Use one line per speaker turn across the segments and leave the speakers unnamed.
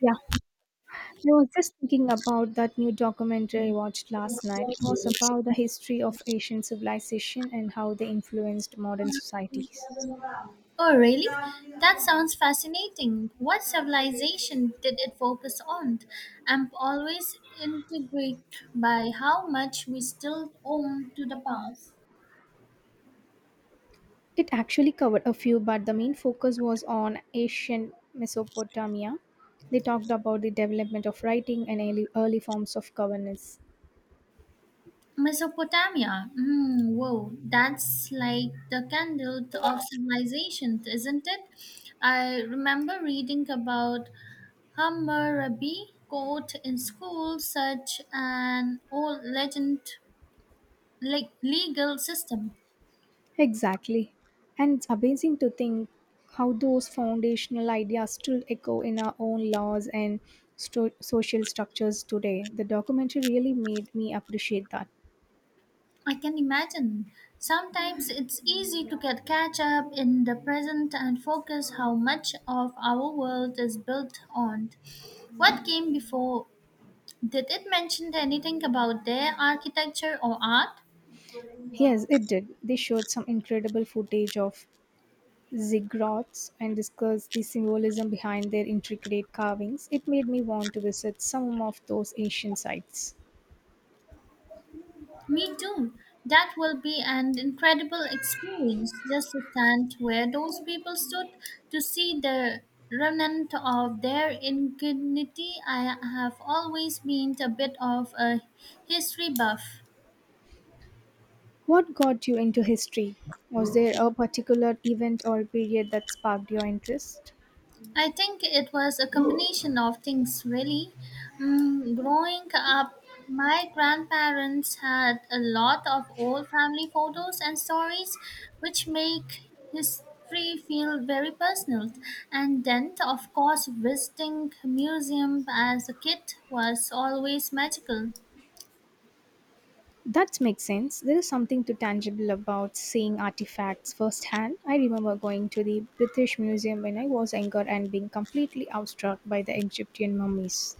Yeah, I was just thinking about that new documentary I watched last night. It was about the history of Asian civilization and how they influenced modern societies.
Oh, really? That sounds fascinating. What civilization did it focus on? I'm always intrigued by how much we still own to the past.
It actually covered a few, but the main focus was on ancient Mesopotamia. They talked about the development of writing and early forms of governance.
Mesopotamia. Whoa, that's like the candle of civilization, isn't it? I remember reading about Hammurabi Code in school, such an old legend, like legal system.
Exactly. And it's amazing to think how those foundational ideas still echo in our own laws and social structures today. The documentary really made me appreciate that.
I can imagine. Sometimes it's easy to get catch up in the present and focus how much of our world is built on what came before. Did it mention anything about their architecture or art?
Yes, it did. They showed some incredible footage of ziggurats and discussed the symbolism behind their intricate carvings. It made me want to visit some of those ancient sites.
Me too. That will be an incredible experience just to stand where those people stood to see the remnant of their indignity. I have always been a bit of a history buff.
What got you into history? Was there a particular event or period that sparked your interest?
I think it was a combination of things, really. Growing up, my grandparents had a lot of old family photos and stories, which make history feel very personal. And then, of course, visiting museum as a kid was always magical.
That makes sense. There is something too tangible about seeing artifacts firsthand. I remember going to the British Museum when I was younger and being completely awestruck by the Egyptian mummies.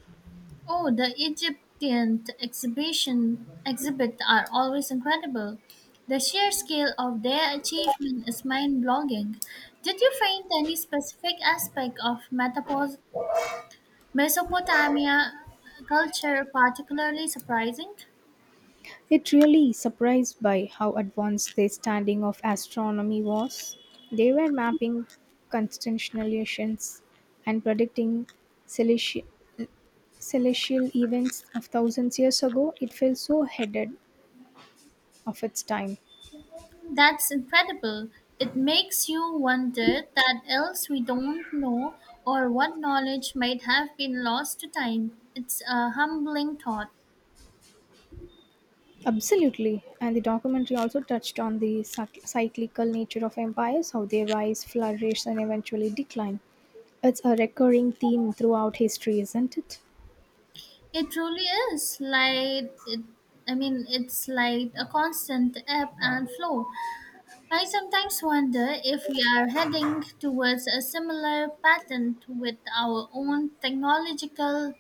Oh, the Egyptian exhibition exhibit are always incredible. The sheer scale of their achievement is mind-blogging. Did you find any specific aspect of Mesopotamia culture particularly surprising?
It really surprised by how advanced their standing of astronomy was. They were mapping constellations and predicting celesti- celestial events of thousands years ago. It felt so ahead of its time.
That's incredible. It makes you wonder that else we don't know or what knowledge might have been lost to time. It's a humbling thought.
Absolutely. And the documentary also touched on the cyclical nature of empires, how they rise, flourish, and eventually decline. It's a recurring theme throughout history, isn't it?
It truly is like it, I mean it's like a constant ebb and flow. I sometimes wonder if we are heading towards a similar pattern with our own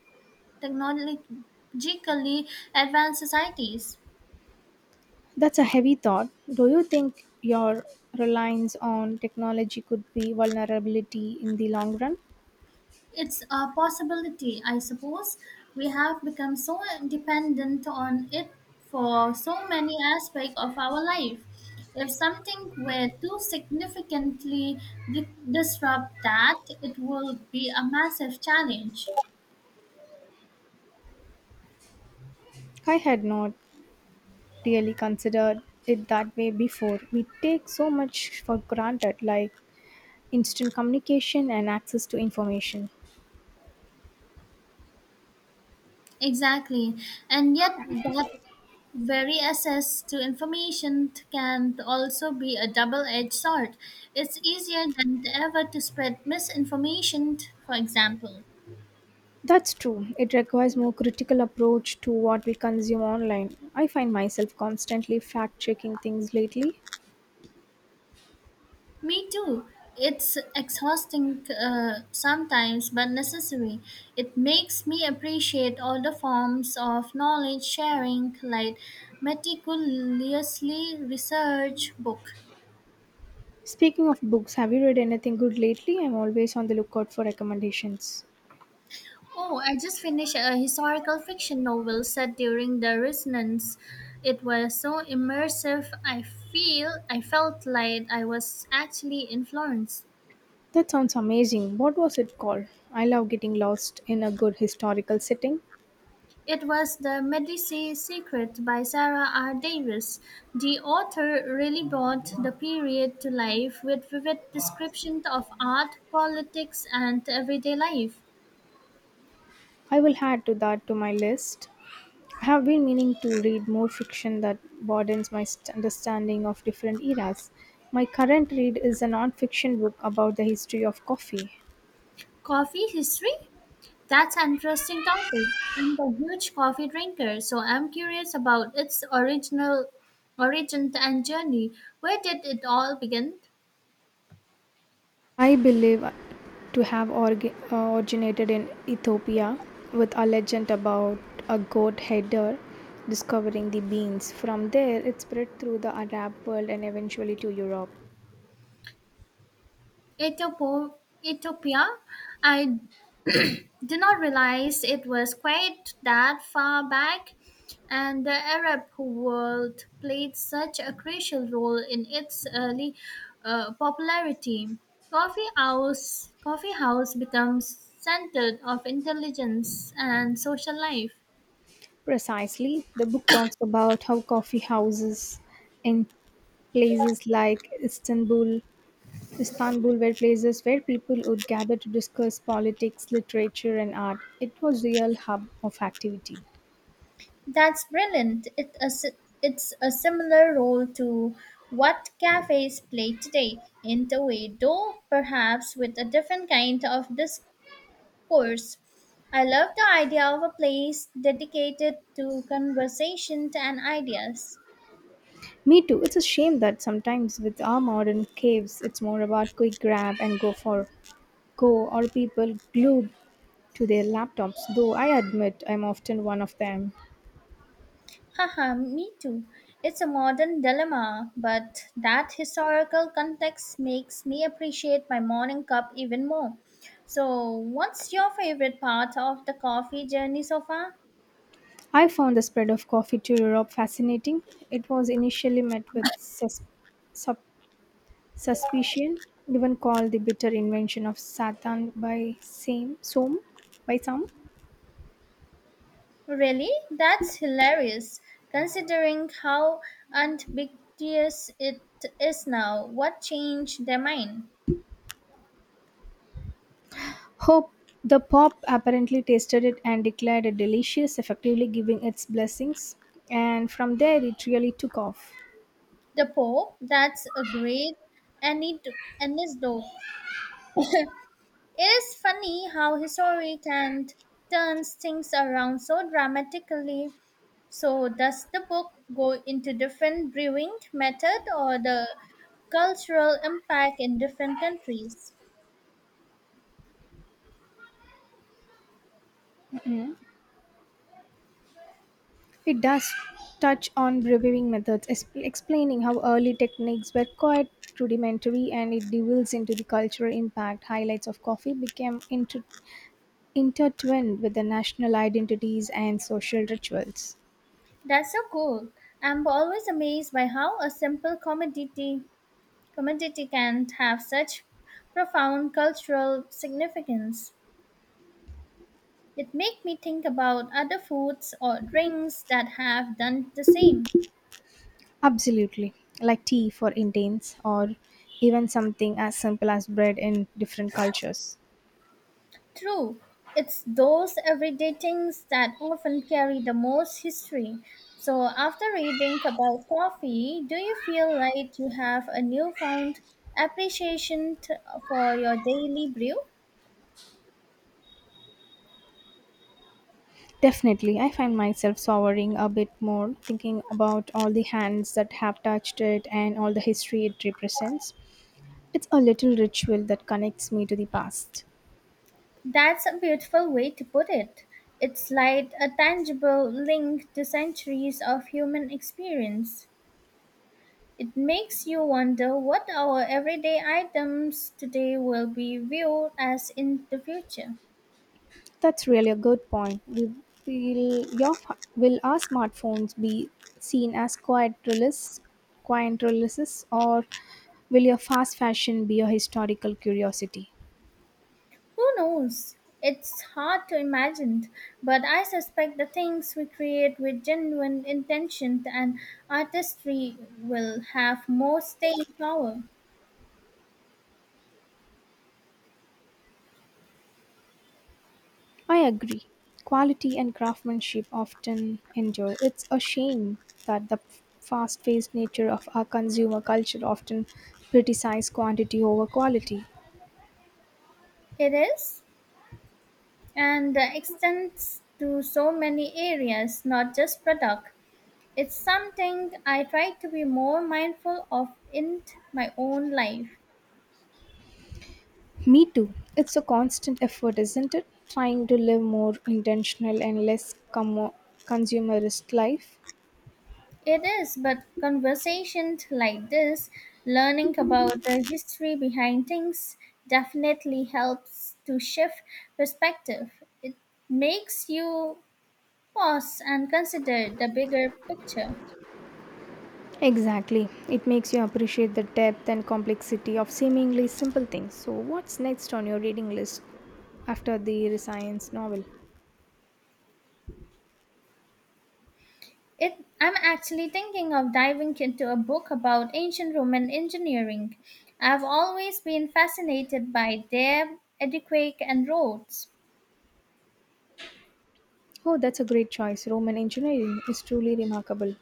technologically advanced societies.
That's a heavy thought. Do you think your reliance on technology could be vulnerability in the long run?
It's a possibility, I suppose. We have become so dependent on it for so many aspects of our life. If something were to significantly disrupt that, it would be a massive challenge.
I had not really considered it that way before. We take so much for granted, like instant communication and access to information.
Exactly. And yet, that very access to information can also be a double-edged sword. It's easier than ever to spread misinformation, for example.
That's true. It requires more critical approach to what we consume online. I find myself constantly fact-checking things lately.
Me too. It's exhausting, sometimes, but necessary. It makes me appreciate all the forms of knowledge sharing, like meticulously research book.
Speaking of books, have you read anything good lately? I'm always on the lookout for recommendations.
Oh, I just finished a historical fiction novel set during the resonance. It was so immersive. I felt like I was actually in Florence.
That sounds amazing. What was it called? I love getting lost in a good historical setting.
It was The Medici Secret by Sarah R. Davis. The author really brought the period to life with vivid descriptions of art, politics, and everyday life.
I will add to that to my list. I have been meaning to read more fiction that broadens my understanding of different eras. My current read is a non-fiction book about the history of coffee.
Coffee history? That's an interesting topic. I'm a huge coffee drinker, so I'm curious about its origin and journey. Where did it all begin?
I believe to have originated in Ethiopia with a legend about a goat herder discovering the beans. From there, it spread through the Arab world and eventually to Europe.
Ethiopia? Ethiopia? I did not realize it was quite that far back, and the Arab world played such a crucial role in its early popularity. Coffee house becomes centered of intelligence and social life.
Precisely, the book talks about how coffee houses in places like Istanbul were places where people would gather to discuss politics, literature, and art. It was real hub of activity.
That's brilliant. It's a similar role to what cafes play today, in a way, though perhaps with a different kind of course. I love the idea of a place dedicated to conversation and ideas.
Me too. It's a shame that sometimes with our modern caves, it's more about quick grab and go for go or people glued to their laptops. Though I admit I'm often one of them.
Haha, me too. It's a modern dilemma, but that historical context makes me appreciate my morning cup even more. So, what's your favorite part of the coffee journey so far?
I found the spread of coffee to Europe fascinating. It was initially met with sup- suspicion, even called the bitter invention of Satan by same some by some.
Really? That's hilarious. Considering how ambiguous it is now, what changed their mind?
Hope the Pope apparently tasted it and declared it delicious, effectively giving its blessings. And from there, it really took off.
The Pope, that's a great anecdote. It is funny how history can turns things around so dramatically. So, does the book go into different brewing method or the cultural impact in different countries?
It does touch on brewing methods, explaining how early techniques were quite rudimentary and it delves into the cultural impact. Highlights of coffee became intertwined with the national identities and social rituals.
That's so cool. I'm always amazed by how a simple commodity can have such profound cultural significance. It made me think about other foods or drinks that have done the same.
Absolutely, like tea for Indians, or even something as simple as bread in different cultures.
True, it's those everyday things that often carry the most history. So, after reading about coffee, do you feel like you have a newfound appreciation for your daily brew?
Definitely, I find myself souring a bit more thinking about all the hands that have touched it and all the history it represents. It's a little ritual that connects me to the past.
That's a beautiful way to put it. It's like a tangible link to centuries of human experience. It makes you wonder what our everyday items today will be viewed as in the future.
That's really a good point. We will your will our smartphones be seen as quiet releases, or will your fast fashion be a historical curiosity?
Who knows? It's hard to imagine, but I suspect the things we create with genuine intention and artistry will have more staying power.
I agree. Quality and craftsmanship often endure. It's a shame that the fast paced nature of our consumer culture often criticizes quantity over quality.
It is, and extends to so many areas, not just product. It's something I try to be more mindful of in my own life.
Me too. It's a constant effort, isn't it? Trying to live more intentional and less commo consumerist life.
It is, but conversations like this, learning about the history behind things, definitely helps to shift perspective. It makes you pause and consider the bigger picture.
Exactly. It makes you appreciate the depth and complexity of seemingly simple things. So, what's next on your reading list after the Resilience novel?
I'm actually thinking of diving into a book about ancient Roman engineering. I've always been fascinated by their aqueduct and roads.
Oh, that's a great choice. Roman engineering is truly remarkable.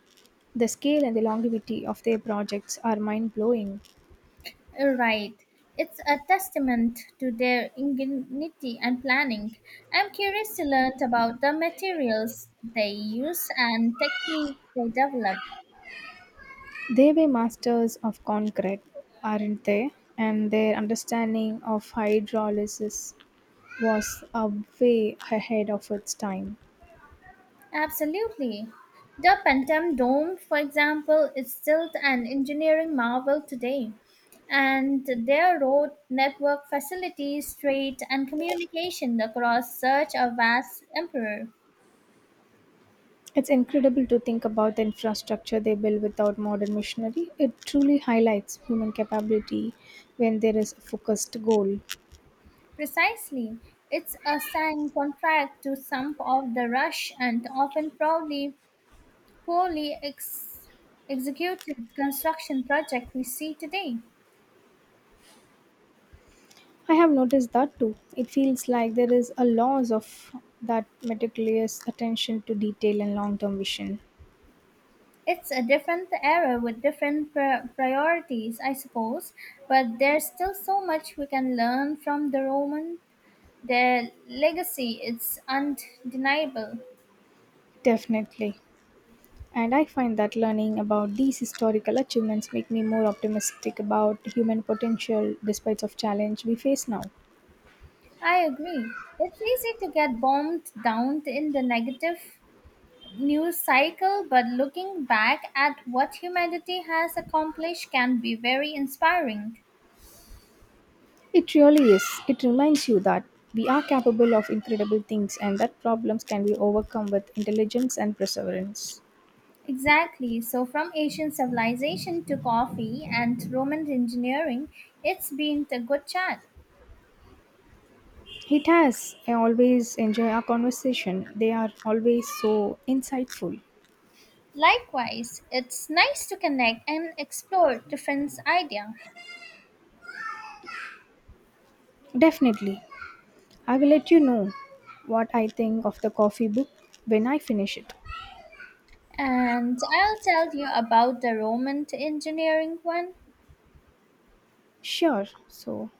The scale and the longevity of their projects are mind blowing.
Right. It's a testament to their ingenuity and planning. I'm curious to learn about the materials they use and technique they develop.
They were masters of concrete, aren't they? And their understanding of hydrolysis was a way ahead of its time.
Absolutely. The Phantom Dome, for example, is still an engineering marvel today. And their road network facilities trade and communication across such a vast empire.
It's incredible to think about the infrastructure they built without modern machinery. It truly highlights human capability when there is a focused goal.
Precisely. It's a sign contract to some of the rush and often probably poorly executed construction project we see today.
I have noticed that too. It feels like there is a loss of that meticulous attention to detail and long term vision.
It's a different era with different priorities, I suppose, but there's still so much we can learn from the Roman. Their legacy is undeniable.
Definitely. And I find that learning about these historical achievements make me more optimistic about human potential despite of challenge we face now.
I agree. It's easy to get bombed down in the negative news cycle, but looking back at what humanity has accomplished can be very inspiring.
It really is. It reminds you that we are capable of incredible things and that problems can be overcome with intelligence and perseverance.
Exactly. So, from ancient civilization to coffee and Roman engineering, it's been a good chat.
It has. I always enjoy our conversation. They are always so insightful.
Likewise, it's nice to connect and explore different ideas.
Definitely. I will let you know what I think of the coffee book when I finish it.
And I'll tell you about the Roman engineering one.
Sure. So,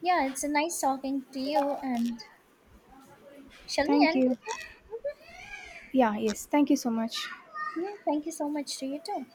Yeah, it's a nice talking to you. And shall we
thank
end
you.
with that? Mhm.
Yeah, yes. Thank you so much.
Mhm. Thank you so much to you too.